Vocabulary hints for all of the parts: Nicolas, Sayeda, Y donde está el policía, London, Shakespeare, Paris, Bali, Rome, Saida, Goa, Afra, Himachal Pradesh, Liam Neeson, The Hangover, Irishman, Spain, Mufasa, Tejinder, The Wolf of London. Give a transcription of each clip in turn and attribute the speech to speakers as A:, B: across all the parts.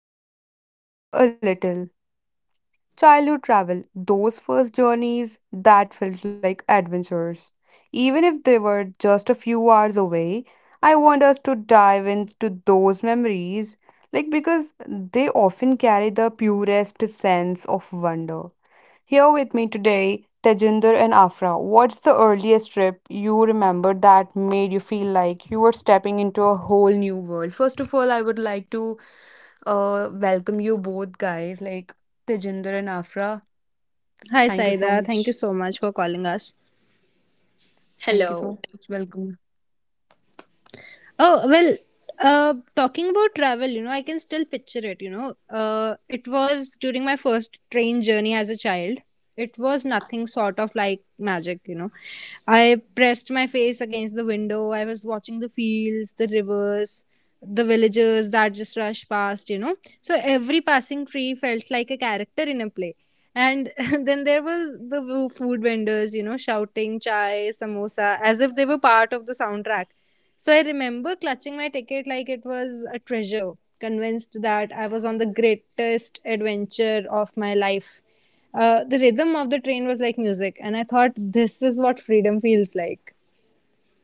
A: Let's rewind the clock a little. Childhood travel, those first journeys that felt like adventures. Even if they were just a few hours away, I want us to dive into those memories, like because they often carry the purest sense of wonder. Here with me today, Tejinder and Afra. What's the earliest trip you remember that made you feel like you were stepping into a whole new world? First of all, I would like to welcome you both guys, like Tejinder and Afra.
B: Hi,
A: Thank you so
B: Saida. Thank you
A: much.
B: so much for calling us.
A: Thank you so much.
C: Hello.
A: Welcome.
B: Oh, well, talking about travel, you know, I can still picture it, you know. It was during my first train journey as a child. It was nothing sort of like magic, you know. I pressed my face against the window. I was watching the fields, the rivers, the villagers that just rushed past, you know. So every passing tree felt like a character in a play. And then there was the food vendors, you know, shouting chai samosa as if they were part of the soundtrack. So I remember clutching my ticket like it was a treasure, convinced that I was on the greatest adventure of my life. The rhythm of the train was like music, and I thought this is what freedom feels like.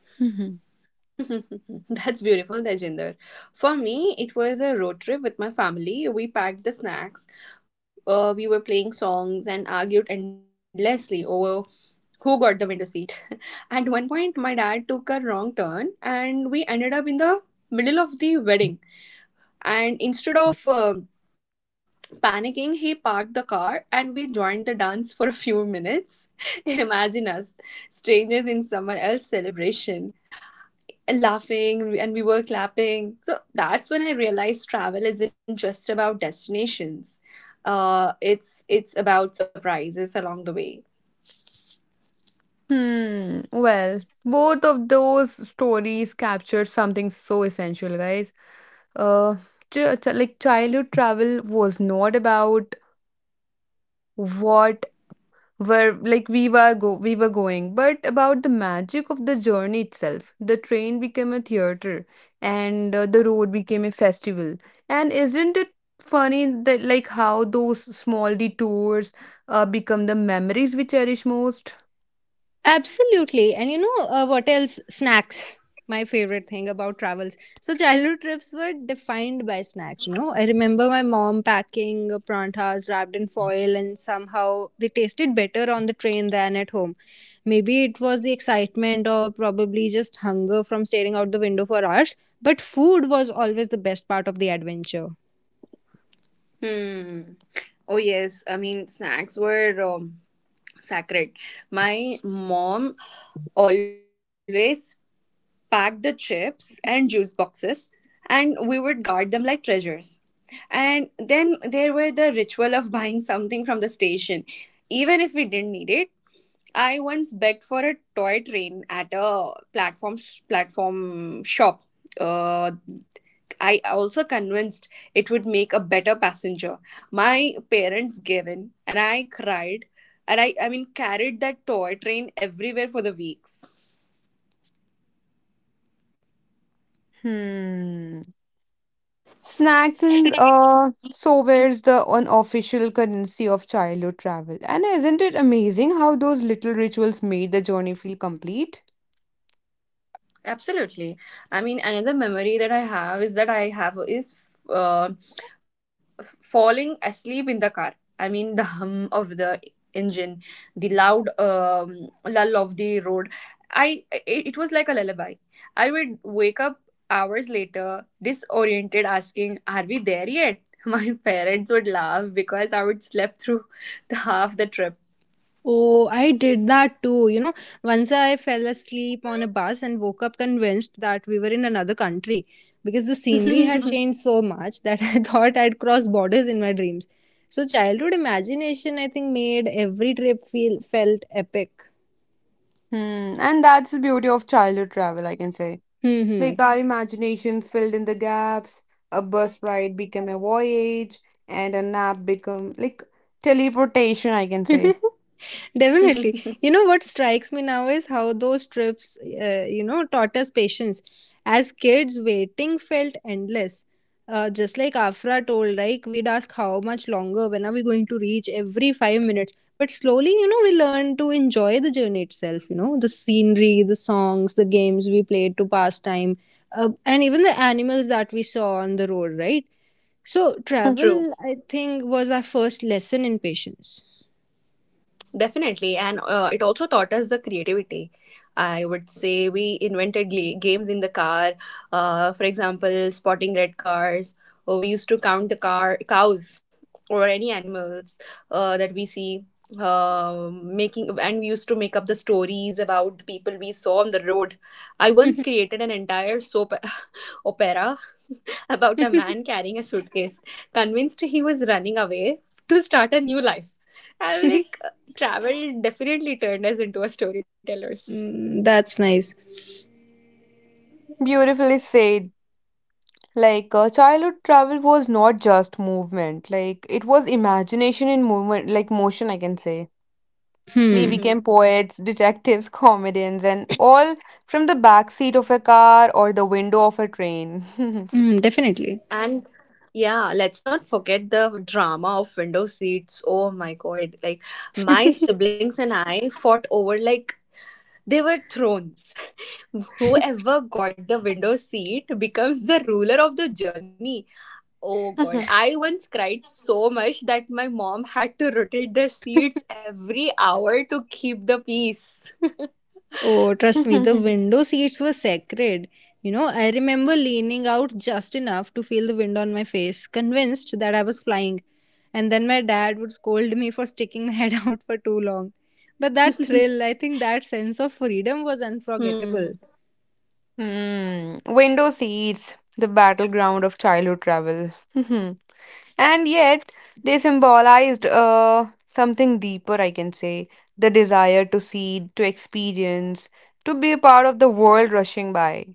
C: That's beautiful, Tejinder. For me, it was a road trip with my family. We packed the snacks, we were playing songs and argued endlessly over who got the window seat. At one point, my dad took a wrong turn and we ended up in the middle of the wedding. And instead of panicking, he parked the car and we joined the dance for a few minutes. Imagine us, strangers in someone else's celebration, laughing and we were clapping. So that's when I realized travel isn't just about destinations. It's about surprises along the way.
A: Hmm. Well, both of those stories captured something so essential, guys. Uh, like childhood travel was not about what where like we were going, but about the magic of the journey itself. The train became a theater, and the road became a festival, and isn't it funny that like how those small detours become the memories we cherish most.
B: Absolutely. And you know, what else? Snacks. My favorite thing about travels. So, childhood trips were defined by snacks. You know, I remember my mom packing prantas wrapped in foil, and somehow they tasted better on the train than at home. Maybe it was the excitement or probably just hunger from staring out the window for hours, but food was always the best part of the adventure.
C: Hmm. Oh yes, I mean snacks were sacred. My mom always packed the chips and juice boxes, and we would guard them like treasures. And then there were the ritual of buying something from the station, even if we didn't need it. I once begged for a toy train at a platform shop. Uh, I also convinced it would make a better passenger. My parents gave in, and I cried, and I mean carried that toy train everywhere for the weeks.
A: Hmm snacks and souvenirs, the unofficial currency of childhood travel, and isn't it amazing how those little rituals made the journey feel complete?
C: Absolutely. I mean, another memory that I have is falling asleep in the car. I mean, the hum of the engine, the loud lull of the road. It was like a lullaby. I would wake up hours later, disoriented, asking, "Are we there yet?" My parents would laugh because I would sleep through the half the trip.
B: Oh, I did that too. You know, once I fell asleep on a bus and woke up convinced that we were in another country because the scenery had changed so much that I thought I'd cross borders in my dreams. So childhood imagination, I think, made every trip feel felt epic.
A: Hmm, and that's the beauty of childhood travel, I can say. Like
B: Hmm.
A: our imaginations filled in the gaps, a bus ride became a voyage, and a nap become like teleportation, I can
B: Hmm.
A: say.
B: Definitely. You know what strikes me now is how those trips, you know, taught us patience. As kids, waiting felt endless. Just like Afra told, like we'd ask how much longer, when are we going to reach every 5 minutes. But slowly, you know, we learned to enjoy the journey itself, you know, the scenery, the songs, the games we played to pass time, and even the animals that we saw on the road, right? So,
C: True.
B: travel, I think, was our first lesson in patience.
C: Definitely, and it also taught us the creativity. I would say we invented games in the car. For example, spotting red cars, or we used to count the car cows or any animals that we see. Making and we used to make up the stories about the people we saw on the road. I once created an entire soap opera about a man carrying a suitcase, convinced he was running away to start a new life. I was like, travel definitely turned us into a storytellers.
B: Mm, that's nice.
A: Beautifully said. Like childhood travel was not just movement, like it was imagination in movement, like motion, I can say. We
B: Hmm.
C: Hmm.
A: became poets, detectives, comedians, and all from the back seat of a car or the window of a train.
B: Mm, definitely.
C: And yeah, let's not forget the drama of window seats. Oh my god! Like my siblings and I fought over like they were thrones. Whoever got the window seat becomes the ruler of the journey. Oh god, I once cried so much that my mom had to rotate the seats every hour to keep the peace.
B: Oh, trust me, the window seats were sacred. You know, I remember leaning out just enough to feel the wind on my face, convinced that I was flying. And then my dad would scold me for sticking my head out for too long. But that thrill, I think that sense of freedom was unforgettable.
C: Hmm.
A: Hmm. Window seats, the battleground of childhood travel. And yet, they symbolized something deeper, I can say, the desire to see, to experience, to be a part of the world rushing by.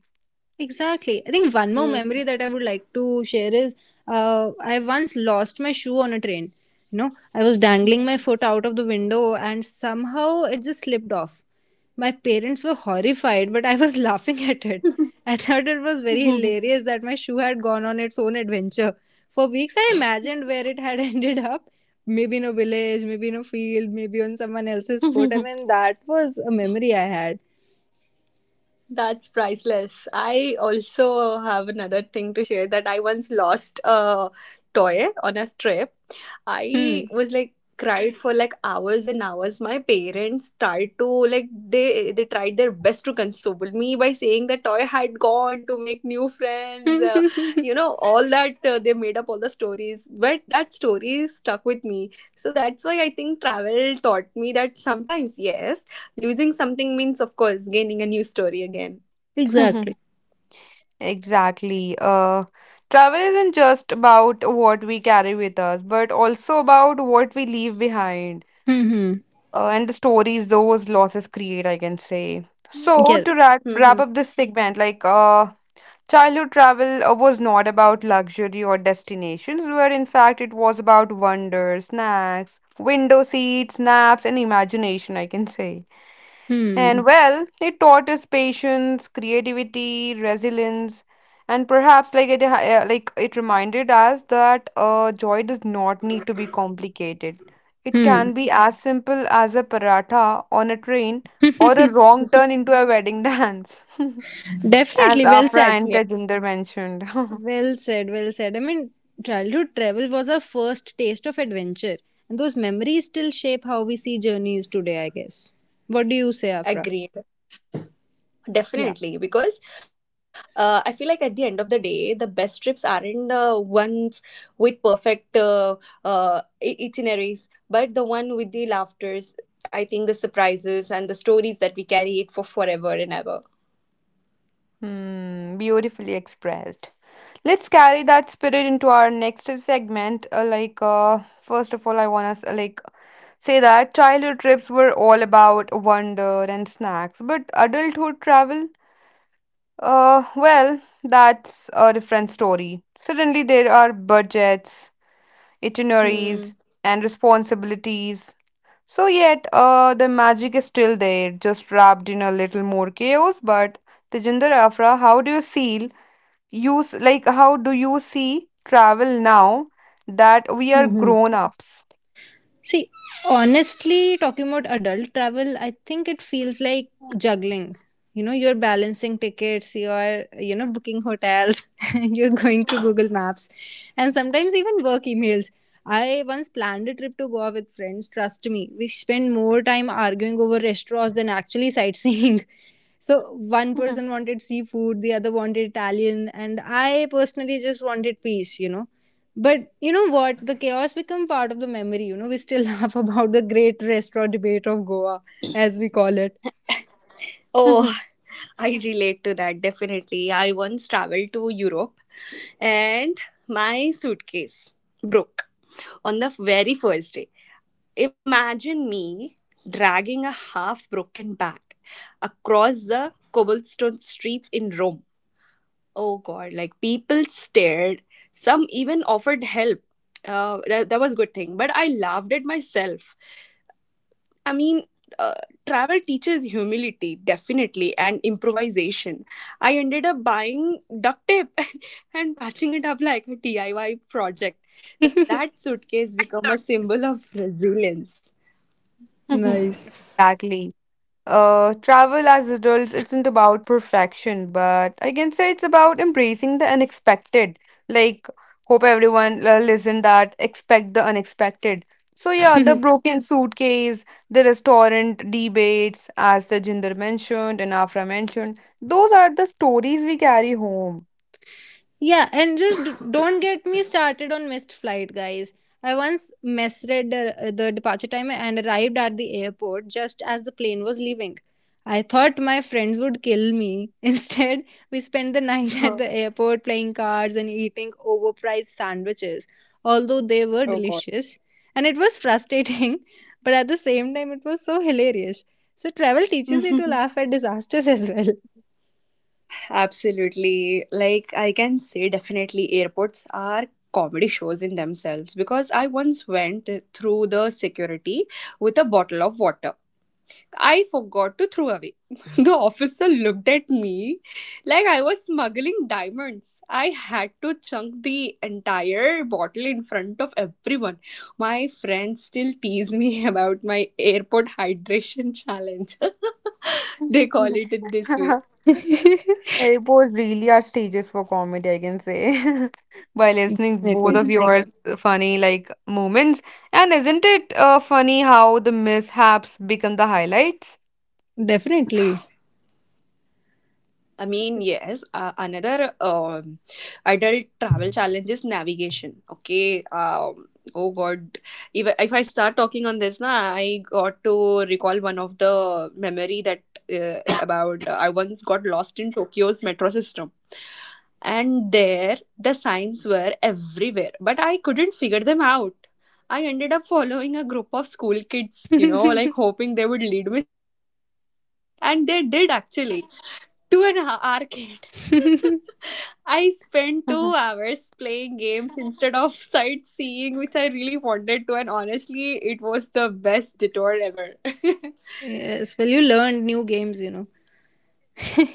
B: Exactly. I think one more
C: Hmm.
B: memory that I would like to share is I once lost my shoe on a train. You know, I was dangling my foot out of the window and somehow it just slipped off. My parents were horrified, but I was laughing at it. I thought it was very hilarious that my shoe had gone on its own adventure. For weeks, I imagined where it had ended up. Maybe in a village, maybe in a field, maybe on someone else's foot. I mean, that was a memory I had.
C: That's priceless. I also have another thing to share that I once lost a toy on a trip.
B: Hmm.
C: I was like cried for like hours and hours. My parents tried to like they tried their best to console me by saying the toy had gone to make new friends. You know all that they made up all the stories, but that story stuck with me. So that's why I think travel taught me that sometimes yes, losing something means, of course, gaining a new story again.
B: Exactly.
A: Exactly. Travel isn't just about what we carry with us, but also about what we leave behind.
B: Hmm. Hmm.
A: And the stories those losses create, I can say. So
B: Yes.
A: to
C: Mm-hmm.
A: wrap up this segment, like childhood travel was not about luxury or destinations, where in fact it was about wonder, snacks, window seats, naps, and imagination, I can say. And
B: Hmm.
A: well, it taught us patience, creativity, resilience, and perhaps like it reminded us that joy does not need to be complicated. It can be as simple as a paratha on a train or a
B: Hmm.
A: wrong turn into a wedding dance, as
B: Definitely.
A: our
B: Well said.
C: Yeah,
A: friend Tejinder mentioned.
B: Well said. Well said. I mean, childhood travel was our first taste of adventure, and those memories still shape how we see journeys today, I guess. What do you say, Afra?
C: agreed.
B: Yeah.
C: Definitely, because I feel like at the end of the day, the best trips aren't the ones with perfect itineraries, but the one with the laughters. I think the surprises and the stories that we carry it for forever and ever.
A: Hmm, beautifully expressed. Let's carry that spirit into our next segment. First of all, I want us like say that childhood trips were all about wonder and snacks, but adulthood travel, well, that's a different story. Suddenly, there are budgets, itineraries,
C: Hmm.
A: and responsibilities. So, yet, the magic is still there, just wrapped in a little more chaos. But, Tejinder Afra, how do you feel? Use like how do you see travel now that we are
B: Hmm. Hmm.
A: grown ups?
B: See, honestly, talking about adult travel, I think it feels like juggling. You know, you're balancing tickets, you're, you know, booking hotels, you're going through Google Maps, and sometimes even work emails. I once planned a trip to Goa with friends. Trust me, we spent more time arguing over restaurants than actually sightseeing. So, one person wanted seafood, the other wanted Italian, and I personally just wanted peace, you know. But you know what? The chaos become part of the memory. You know, we still laugh about the great restaurant debate of Goa, as we call it.
C: Oh, I relate to that definitely. I once traveled to Europe and my suitcase broke on the very first day. Imagine me dragging a half broken bag across the cobblestone streets in Rome. Oh god, like people stared. Some even offered help. That was good thing, but I laughed at myself. I mean, uh, travel teaches humility definitely and improvisation. I ended up buying duct tape and patching it up like a DIY project. That suitcase became a symbol of resilience.
B: Nice.
A: Exactly. Travel as adults isn't about perfection, but I can say it's about embracing the unexpected. Like, hope everyone listen that expect the unexpected. So yeah, the broken suitcase, the restaurant debates, as the Jinder mentioned and Afra mentioned, those are the stories we carry home.
B: Yeah, and just don't get me started on missed flight, guys. I once misread the departure time and arrived at the airport just as the plane was leaving. I thought my friends would kill me. Instead, we spent the night at the airport playing cards and eating overpriced sandwiches, although they were
C: Oh god.
B: delicious. And it was frustrating, but at the same time, it was so hilarious. So, travel teaches you to laugh at disasters as well.
C: Absolutely. Like, I can say definitely airports are comedy shows in themselves because I once went through the security with a bottle of water I forgot to throw away. The officer looked at me like I was smuggling diamonds. I had to chunk the entire bottle in front of everyone. My friends still tease me about my airport hydration challenge. They call it it this way.
A: Both really are stages for comedy, I can say. By listening both
B: Definitely.
A: of your funny like moments, and isn't it funny how the mishaps become the highlights?
B: Definitely.
C: I mean, yes, another adult travel challenge is navigation. Okay. Oh God. If I start talking on this, na, I got to recall one of the memory that about I once got lost in Tokyo's metro system. And there, the signs were everywhere, but I couldn't figure them out. I ended up following a group of school kids, you know, like hoping they would lead me somewhere useful. And they did actually to an arcade. I spent
A: Mhm.
C: 2 hours playing games instead of sightseeing, which I really wanted to, and honestly, it was the best detour ever.
B: Yes, well, you learned new games, you know.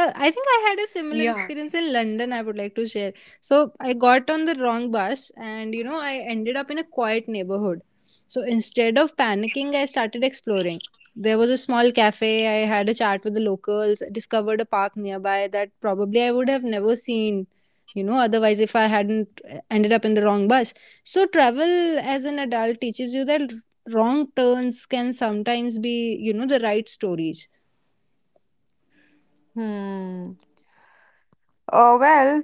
B: I think I had a similar
C: Yeah.
B: experience in London, I would like to share. So, I got on the wrong bus and, you know, I ended up in a quiet neighborhood. So, instead of panicking, I started exploring. There was a small cafe, I had a chat with the locals, discovered a park nearby that probably I would have never seen, you know, otherwise if I hadn't ended up in the wrong bus. So, travel as an adult teaches you that wrong turns can sometimes be, you know, the right stories.
A: Hmm. Oh well,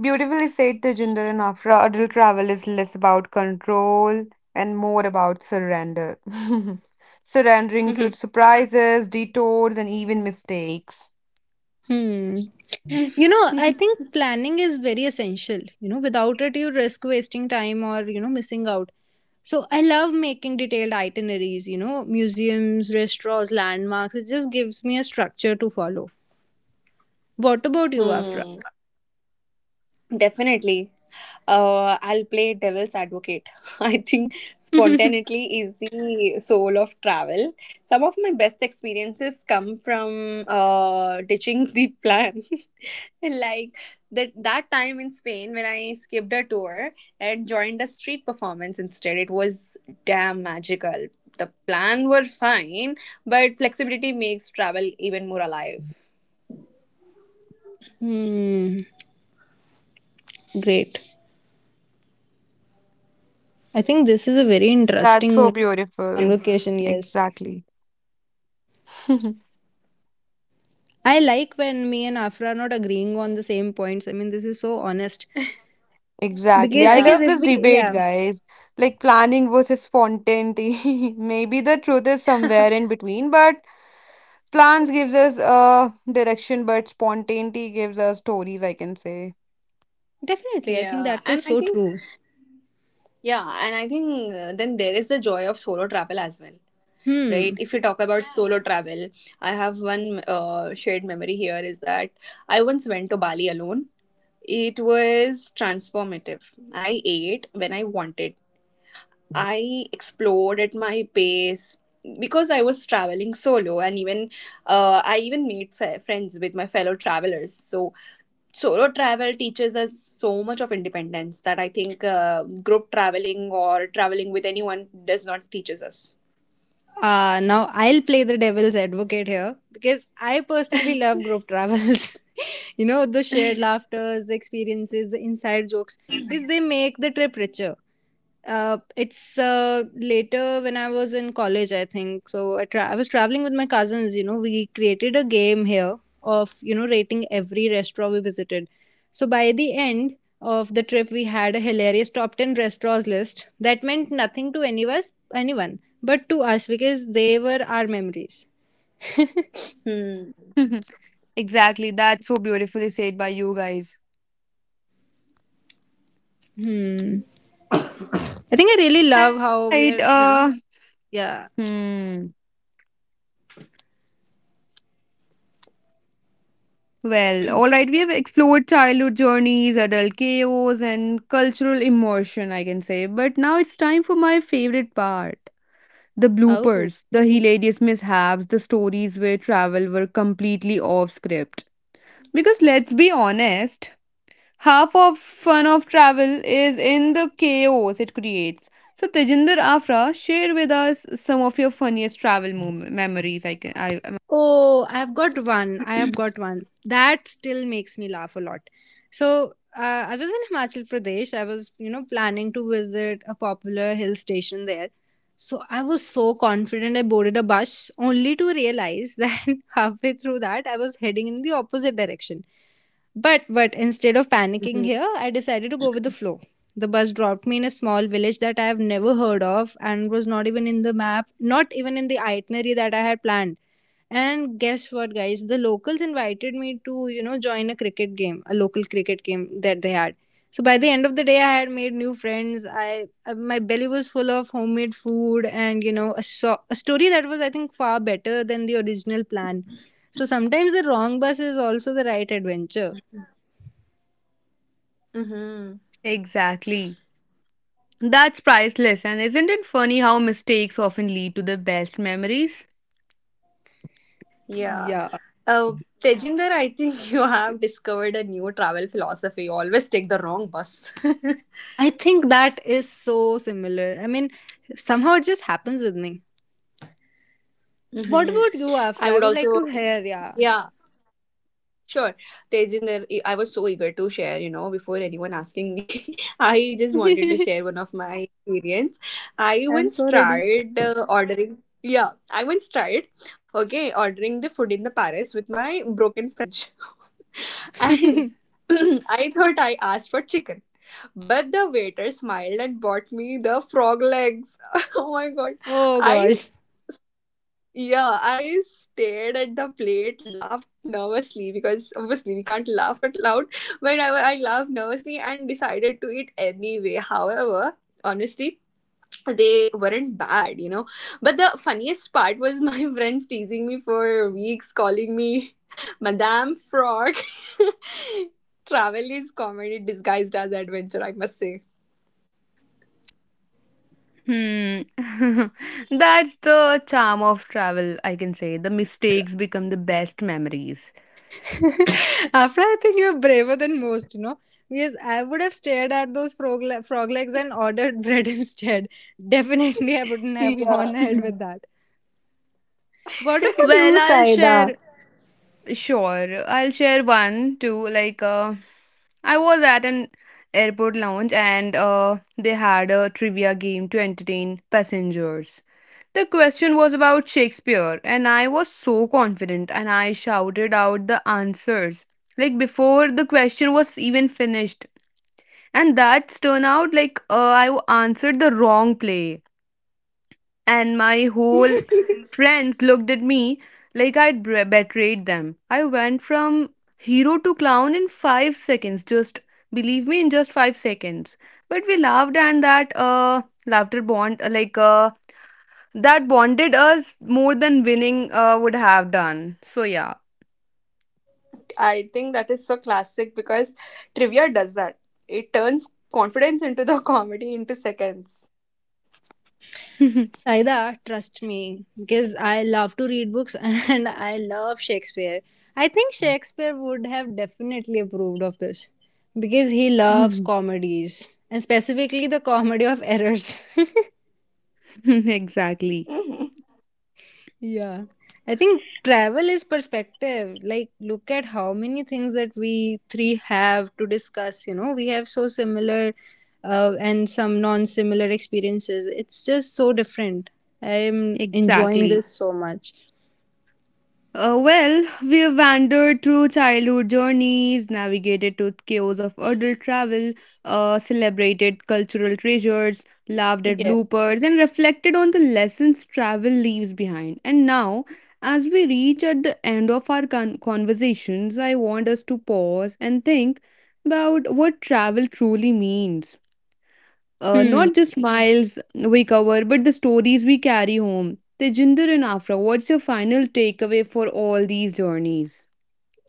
A: beautifully said, Tejinder and Afra. Adult travel is less about control and more about surrender. Surrendering to
C: Mhm.
A: surprises, detours, and even mistakes.
B: Hmm. You know, I think planning is very essential. You know, without it, you risk wasting time or, you know, missing out. So I love making detailed itineraries, you know, museums, restaurants, landmarks. It just gives me a structure to follow. What about you, Afra?
C: Hmm. Definitely. I'll play devil's advocate. I think spontaneity is the soul of travel. Some of my best experiences come from ditching the plan like that time in Spain when I skipped a tour and joined a street performance instead. It was damn magical. The plan were fine, but flexibility makes travel even more alive.
B: Hmm, great. I think this is a very
A: That's so
B: interesting
A: beautiful.
B: convocation, yes.
A: Exactly.
B: I like when me and Afra are not agreeing on the same points. I mean, this is so honest.
A: Exactly.
B: Because
A: I
B: because
C: Yeah,
A: love
B: if
A: this
B: we,
A: debate,
B: yeah,
A: guys. Like planning versus spontaneity. Maybe the truth is somewhere in between, but plans gives us a direction, but spontaneity gives us stories, I can say.
B: definitely, I think
C: yeah,
B: that
C: and
B: is
C: I
B: so
C: think
B: true.
C: yeah, and I think then there is the joy of solo travel as well, right?
B: Hmm.
C: If you talk about solo travel, I have one shared memory here is that I once went to Bali alone. It was transformative. I ate when I wanted, I explored at my pace because I was traveling solo, and even I even made friends with my fellow travelers. So solo travel teaches us so much of independence that I think group traveling or traveling with anyone does not teaches us.
B: Now I'll play the devil's advocate here because I personally
C: Hmm.
B: love group travels. You know, the shared laughters, the experiences, the inside jokes, which they make the trip richer. It's later when I was in college, I think. So I was traveling with my cousins. You know, we created a game here of, you know, rating every restaurant we visited. So by the end of the trip, we had a hilarious top 10 restaurants list that meant nothing to any of us, anyone, but to us because they were our memories.
C: Hmm.
A: Exactly. That's so beautifully said by you guys.
B: Hmm. I think I really love
A: All
B: how
A: right.
B: we are, you know. Yeah.
A: Hmm. Well, all right. We have explored childhood journeys, adult chaos, and cultural immersion, I can say. But now it's time for my favorite part: the
B: Oh.
A: bloopers, the hilarious mishaps, the stories where travel were completely off script. Because let's be honest, half of fun of travel is in the chaos it creates. So Tejinder Afra, share with us some of your funniest travel memories. I am asking.
B: Oh, I've got one. I have got one. That still makes me laugh a lot. So, I was in Himachal Pradesh. I was, you know, planning to visit a popular hill station there. So, I was so confident I boarded a bus only to realize that halfway through that I was heading in the opposite direction. But instead of panicking here, I decided to go with the flow. The bus dropped me in a small village that I have never heard of and was not even in the map, not even in the itinerary that I had planned. And guess what, guys? The locals invited me to, you know, join a cricket game, a local cricket game that they had. So by the end of the day, I had made new friends. I, my belly was full of homemade food, and you know, a, a story that was, I think, far better than the original plan. So sometimes the wrong bus is also the right adventure.
C: Mm-hmm.
A: Exactly. That's priceless, and isn't it funny how mistakes often lead to the best memories?
C: Yeah.
B: Yeah,
C: Uh, Tejinder, I think you have discovered a new travel philosophy. Always take the wrong bus.
B: I think that is so similar. I mean, somehow it just happens with me. What
C: Mm-hmm.
B: about you,
C: I
B: Afra? I
C: would
B: would like
C: also,
B: to hear. Yeah,
C: yeah, Sure, Tejinder, I was so eager to share, you know, before anyone asking me. I just wanted to share one of my experience.
B: I'm so ready.
C: I once tried, okay, ordering the food in the Paris with my broken French. And I thought I asked for chicken, but the waiter smiled and bought me the frog legs. Oh my god.
B: Oh
C: I
B: God.
C: yeah, I stared at the plate, laughed nervously because obviously we can't laugh out loud. But I laughed nervously and decided to eat anyway. However, honestly, they weren't bad, you know. But the funniest part was my friends teasing me for weeks, calling me Madame Frog. Travel is comedy disguised as adventure, I must say.
A: Hmm. That's the charm of travel, I can say. The mistakes become the best memories.
B: After I think you're braver than most, you know. Because I would have stared at those frog legs and ordered bread instead. Definitely, I wouldn't have
C: Yeah.
B: gone ahead
A: Mhm.
B: with that. What about
A: Well,
B: you, Saida?
A: sure. I'll share one too. Like, I was at an airport lounge and they had a trivia game to entertain passengers. The question was about Shakespeare, and I was so confident and I shouted out the answers, like, before the question was even finished. And that's turn out like I answered the wrong play, and my whole friends looked at me like I'd betrayed them. I went from hero to clown in 5 seconds. Just believe me, in just 5 seconds. But we laughed, and that laughter bond like that bonded us more than winning would have done. So yeah,
C: I think that is so classic because trivia does that. It turns confidence into the comedy into seconds.
B: Saida, trust me, because I love to read books and I love Shakespeare. I think Shakespeare would have definitely approved of this because he loves comedies and specifically the comedy of errors.
A: exactly,
C: Hmm.
B: Yeah. I think travel is perspective. Like, look at how many things that we three have to discuss. You know, we have so similar and some non similar experiences. It's just so different. I am enjoying
A: exactly.
B: this so much.
A: Well, we've wandered through childhood journeys, navigated to chaos of adult travel, celebrated cultural treasures, laughed at
B: Yeah.
A: bloopers, and reflected on the lessons travel leaves behind. And now, as we reach at the end of our conversations, I want us to pause and think about what travel truly means,
B: Hmm.
A: not just miles we cover, but the stories we carry home. Tejinder and Afra, what's your final takeaway for all these journeys?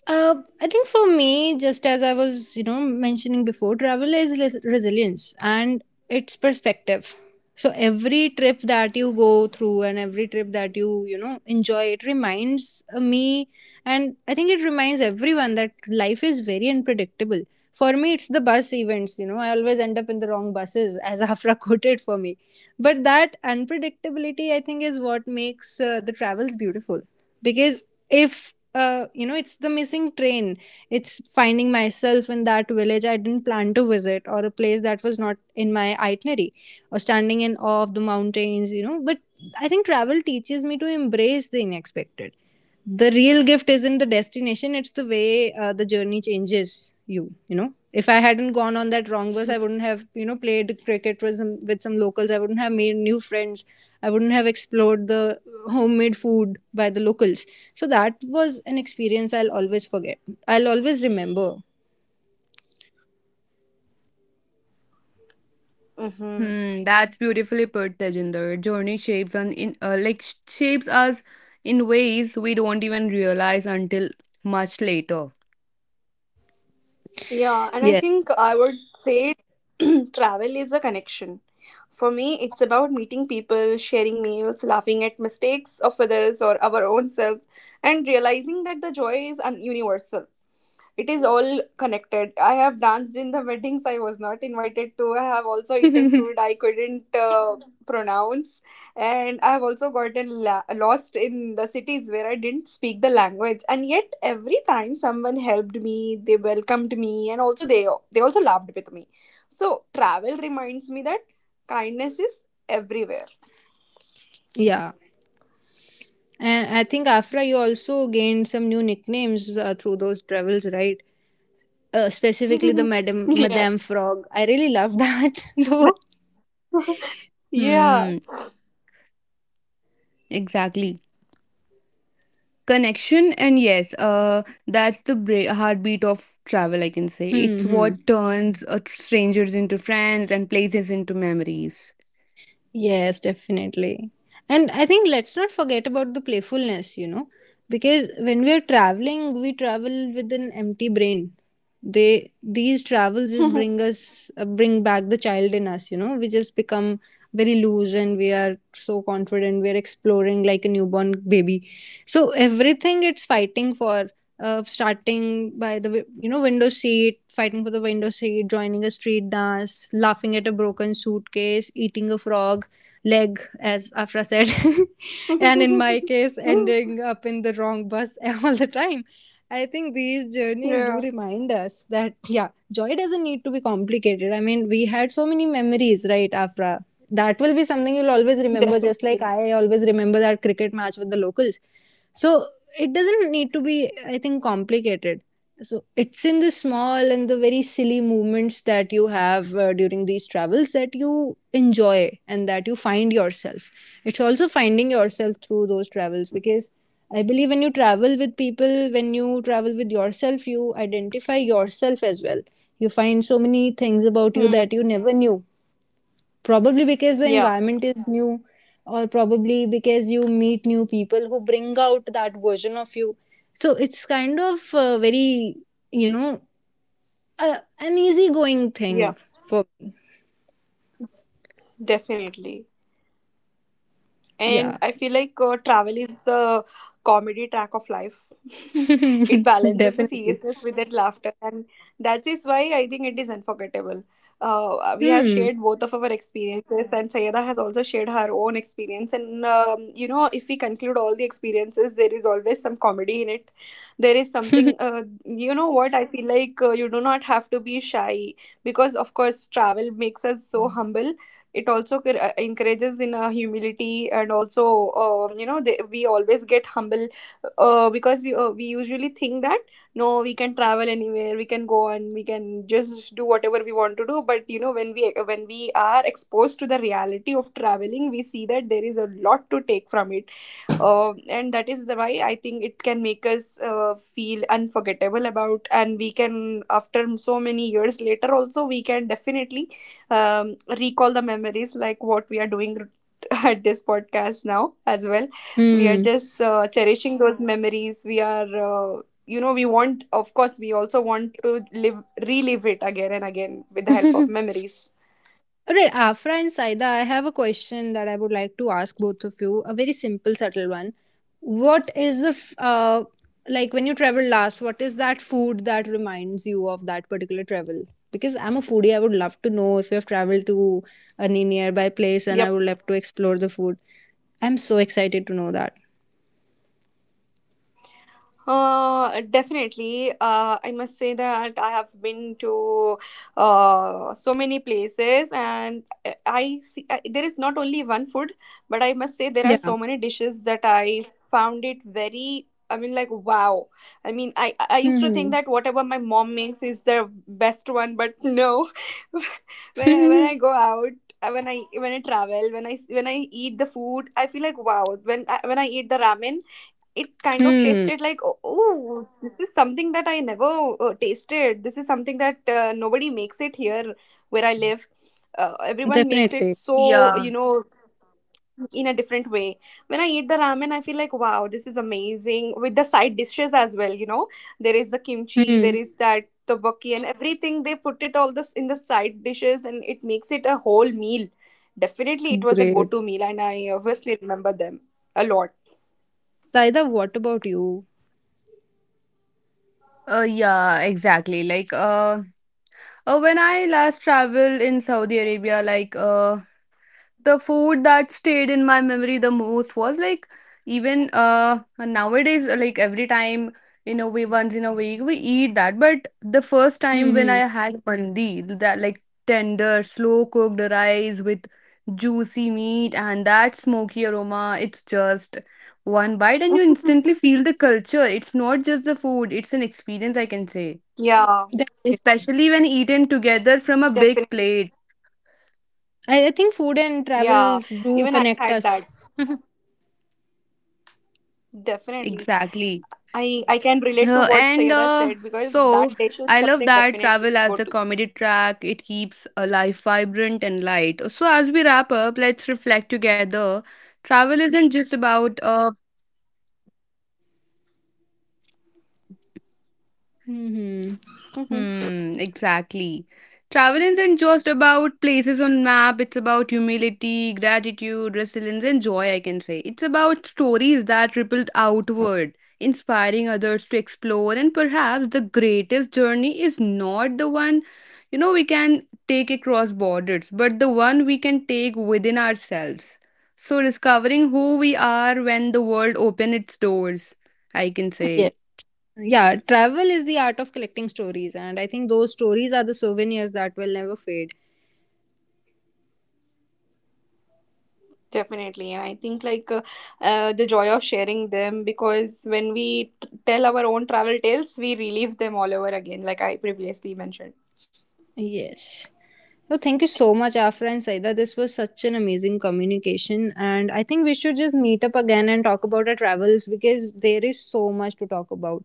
B: Uh, I think for me, just as I was, you know, mentioning before, travel is resilience and it's perspective. So every trip that you go through and every trip that you know, enjoy, it reminds me, and I think it reminds everyone that life is very unpredictable. For me, it's the bus events, you know, I always end up in the wrong buses, as Afra quoted for me. But that unpredictability, I think, is what makes the travels beautiful because if you know, it's the missing train, it's finding myself in that village I didn't plan to visit, or a place that was not in my itinerary, or standing in awe of the mountains, you know. But I think travel teaches me to embrace the unexpected. The real gift isn't the destination, it's the way the journey changes you. You know, if I hadn't gone on that wrong bus, I wouldn't have, you know, played cricket with some locals, I wouldn't have made new friends, I wouldn't have explored the homemade food by the locals. So that was an experience I'll always forget, I'll always remember.
C: Hmm.
A: Hmm, that's beautifully put, Tejinder. Journey shapes and in like sh- shapes us in ways we don't even realize until much later.
C: Yeah, and I
B: Yeah.
C: think I would say travel is a connection. For me, it's about meeting people, sharing meals, laughing at mistakes of others or our own selves, and realizing that the joy is universal. It is all connected. I have danced in the weddings I was not invited to. I have also eaten food I couldn't pronounce, and I have also gotten lost in the cities where I didn't speak the language, and yet every time someone helped me, they welcomed me, and also they also laughed with me. So travel reminds me that kindness is everywhere.
B: yeah, and I think, Afra, you also gained some new nicknames through those travels, right? Specifically the madam
C: Yeah.
B: madame frog, I really love that though.
C: Yeah.
A: Hmm, exactly. Connection and yes, that's the heartbeat of travel. I can say it's
B: 嗯嗯。
A: what turns strangers into friends and places into memories.
B: Yes, definitely. And I think let's not forget about the playfulness, you know, because when we are traveling, we travel with an empty brain. They these travels just bring us bring back the child in us, you know. We just become very loose and we are so confident. We are exploring like a newborn baby. So everything it's fighting for. Starting by the you know, window seat, fighting for the window seat, joining a street dance, laughing at a broken suitcase, eating a frog leg, as Afra said. and in my case, ending up in the wrong bus all the time. I think these journeys do
C: Yeah,
B: remind us that, yeah, joy doesn't need to be complicated. I mean, we had so many memories, right, Afra? That will be something you'll always remember, just like
C: definitely.
B: I always remember that cricket match with the locals. So it doesn't need to be, I think, complicated. So it's in the small and the very silly movements that you have during these travels that you enjoy and that you find yourself. It's also finding yourself through those travels, because I believe when you travel with people, when you travel with yourself, you identify yourself as well. You find so many things about you
C: Hmm.
B: that you never knew, probably because the
C: Yeah.
B: environment is new, or probably because you meet new people who bring out that version of you. So it's kind of very, you know an easygoing
C: Yeah,
B: thing for me.
C: definitely. And
B: Yeah.
C: I feel like travel is the comedy track of life. It balances the
B: definitely.
C: seriousness with that laughter, and that is why I think it is unforgettable. We have
B: Hmm.
C: shared both of our experiences, and Sayeda has also shared her own experience. And you know, if we conclude all the experiences, there is always some comedy in it. There is something, you know, what I feel like you do not have to be shy because, of course, travel makes us so humble. It also encourages in humility, and also you know we always get humble, because we usually think that no, we can travel anywhere, we can go and we can just do whatever we want to do, but you know, when we are exposed to the reality of traveling, we see that there is a lot to take from it, and that is the why I think it can make us feel unforgettable about, and we can after so many years later also, we can definitely recall the memories, like what we are doing at this podcast now as well. We are
B: hmm.
C: just cherishing those memories. We are You know, we want, of course we also want to live, relive it again and again with the help of memories.
B: All right, Afra and Saida, I have a question that I would like to ask both of you. A very simple, subtle one. What is the like when you travel last? What is that food that reminds you of that particular travel? Because I'm a foodie, I would love to know if you have traveled to any nearby place, and I
C: Yep.
B: would love to explore the food. I'm so excited to know that.
C: Definitely. I must say that I have been to so many places, and there is not only one food, but I must say there are
B: Yeah.
C: so many dishes that I found it very. I mean, like wow. I mean, I used to think
B: Hmm.
C: that whatever my mom makes is the best one, but no. When I go out. When I travel, when I eat the food, I feel like wow. When I eat the ramen, it kind of
B: hmm.
C: tasted like oh, oh, this is something that I never tasted. This is something that nobody makes it here where I live. Everyone makes it,
B: Definitely.
C: so
A: Yeah,
C: you know, in a different way. When I eat the ramen, I feel like wow, this is amazing with the side dishes as well. You know, there is the kimchi,
B: Hmm.
C: there is that tteokbokki, and everything they put it all this in the side dishes, and it makes it a whole meal. Definitely, it was a go
B: Great.
C: to meal, and I obviously remember them a lot.
B: Saida, what about you?
A: Yeah, exactly. Like, when I last traveled in Saudi Arabia, like, the food that stayed in my memory the most was like, even nowadays, like every time in a way, once in a week, we eat that. But the first time when I
B: Hmm.
A: had mandi, that like tender, slow cooked rice with juicy meat and that smoky aroma, it's just one bite and you instantly feel the culture. It's not just the food; it's an experience, I can say.
C: Yeah,
B: Hmm.
A: Especially when eaten together
C: definitely.
A: from a big plate.
B: I think food and
C: Yeah,
B: travels
C: even I
B: do
C: had that.
B: connect us.
C: Definitely.
A: Exactly.
C: I can relate to what
A: And
C: Sayada said because that
A: So
C: dish is
A: I love
C: something
A: that
C: definitely
A: travel as
C: go
A: the
C: to.
A: comedy track. It keeps a life vibrant and light. So as we wrap up, let's reflect together. Travel isn't just about
B: Hmm.
C: Mm-hmm.
A: hmm, exactly. Travel isn't just about places on map, it's about humility, gratitude, resilience, and joy, I can say. It's about stories that rippled outward, inspiring others to explore, and perhaps the greatest journey is not the one you know we can take across borders, but the one we can take within ourselves. So discovering who we are when the world opens its doors, I can
B: Yeah.
A: say.
B: Yeah, travel is the art of collecting stories, and I think those stories are the souvenirs that will never fade.
C: Definitely. And I think like the joy of sharing them because when we tell our own travel tales, we relive them all over again, like I previously mentioned.
B: Yes. So thank you so much, Afra and Saida. This was such an amazing communication, and I think we should just meet up again and talk about our travels because there is so much to talk about.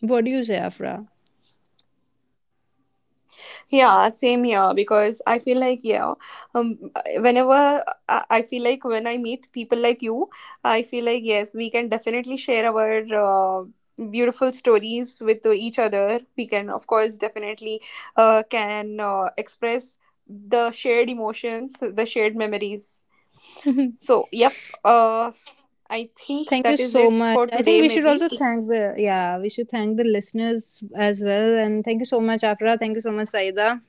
B: What do you say, Afra?
C: Yeah, same here because I feel like, yeah, um, whenever I feel like when I meet people like you, I feel like, yes, we can definitely share our uh, beautiful stories with each other. We can, of course, definitely can express the shared emotions, the shared memories. So, yep, I think
B: Thank you
C: that is
B: so
C: it
B: much.
C: for
B: I think
C: today,
B: we should
C: maybe.
B: also thank the, yeah, we should thank the listeners as well. And thank you so much, Afra. Thank you so much, Saida.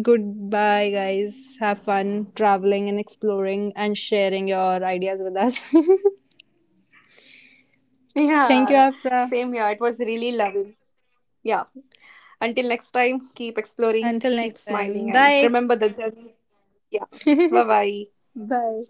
B: Goodbye, guys. Have fun traveling and exploring and sharing your ideas with us.
C: Yeah,
B: thank you, Afra.
C: same here. It was really lovely. Yeah. Until next time, keep exploring,
B: Until
C: keep
B: next
C: smiling,
B: time.
C: and
B: Bye.
C: remember the journey. Yeah. Bye bye.
B: Bye.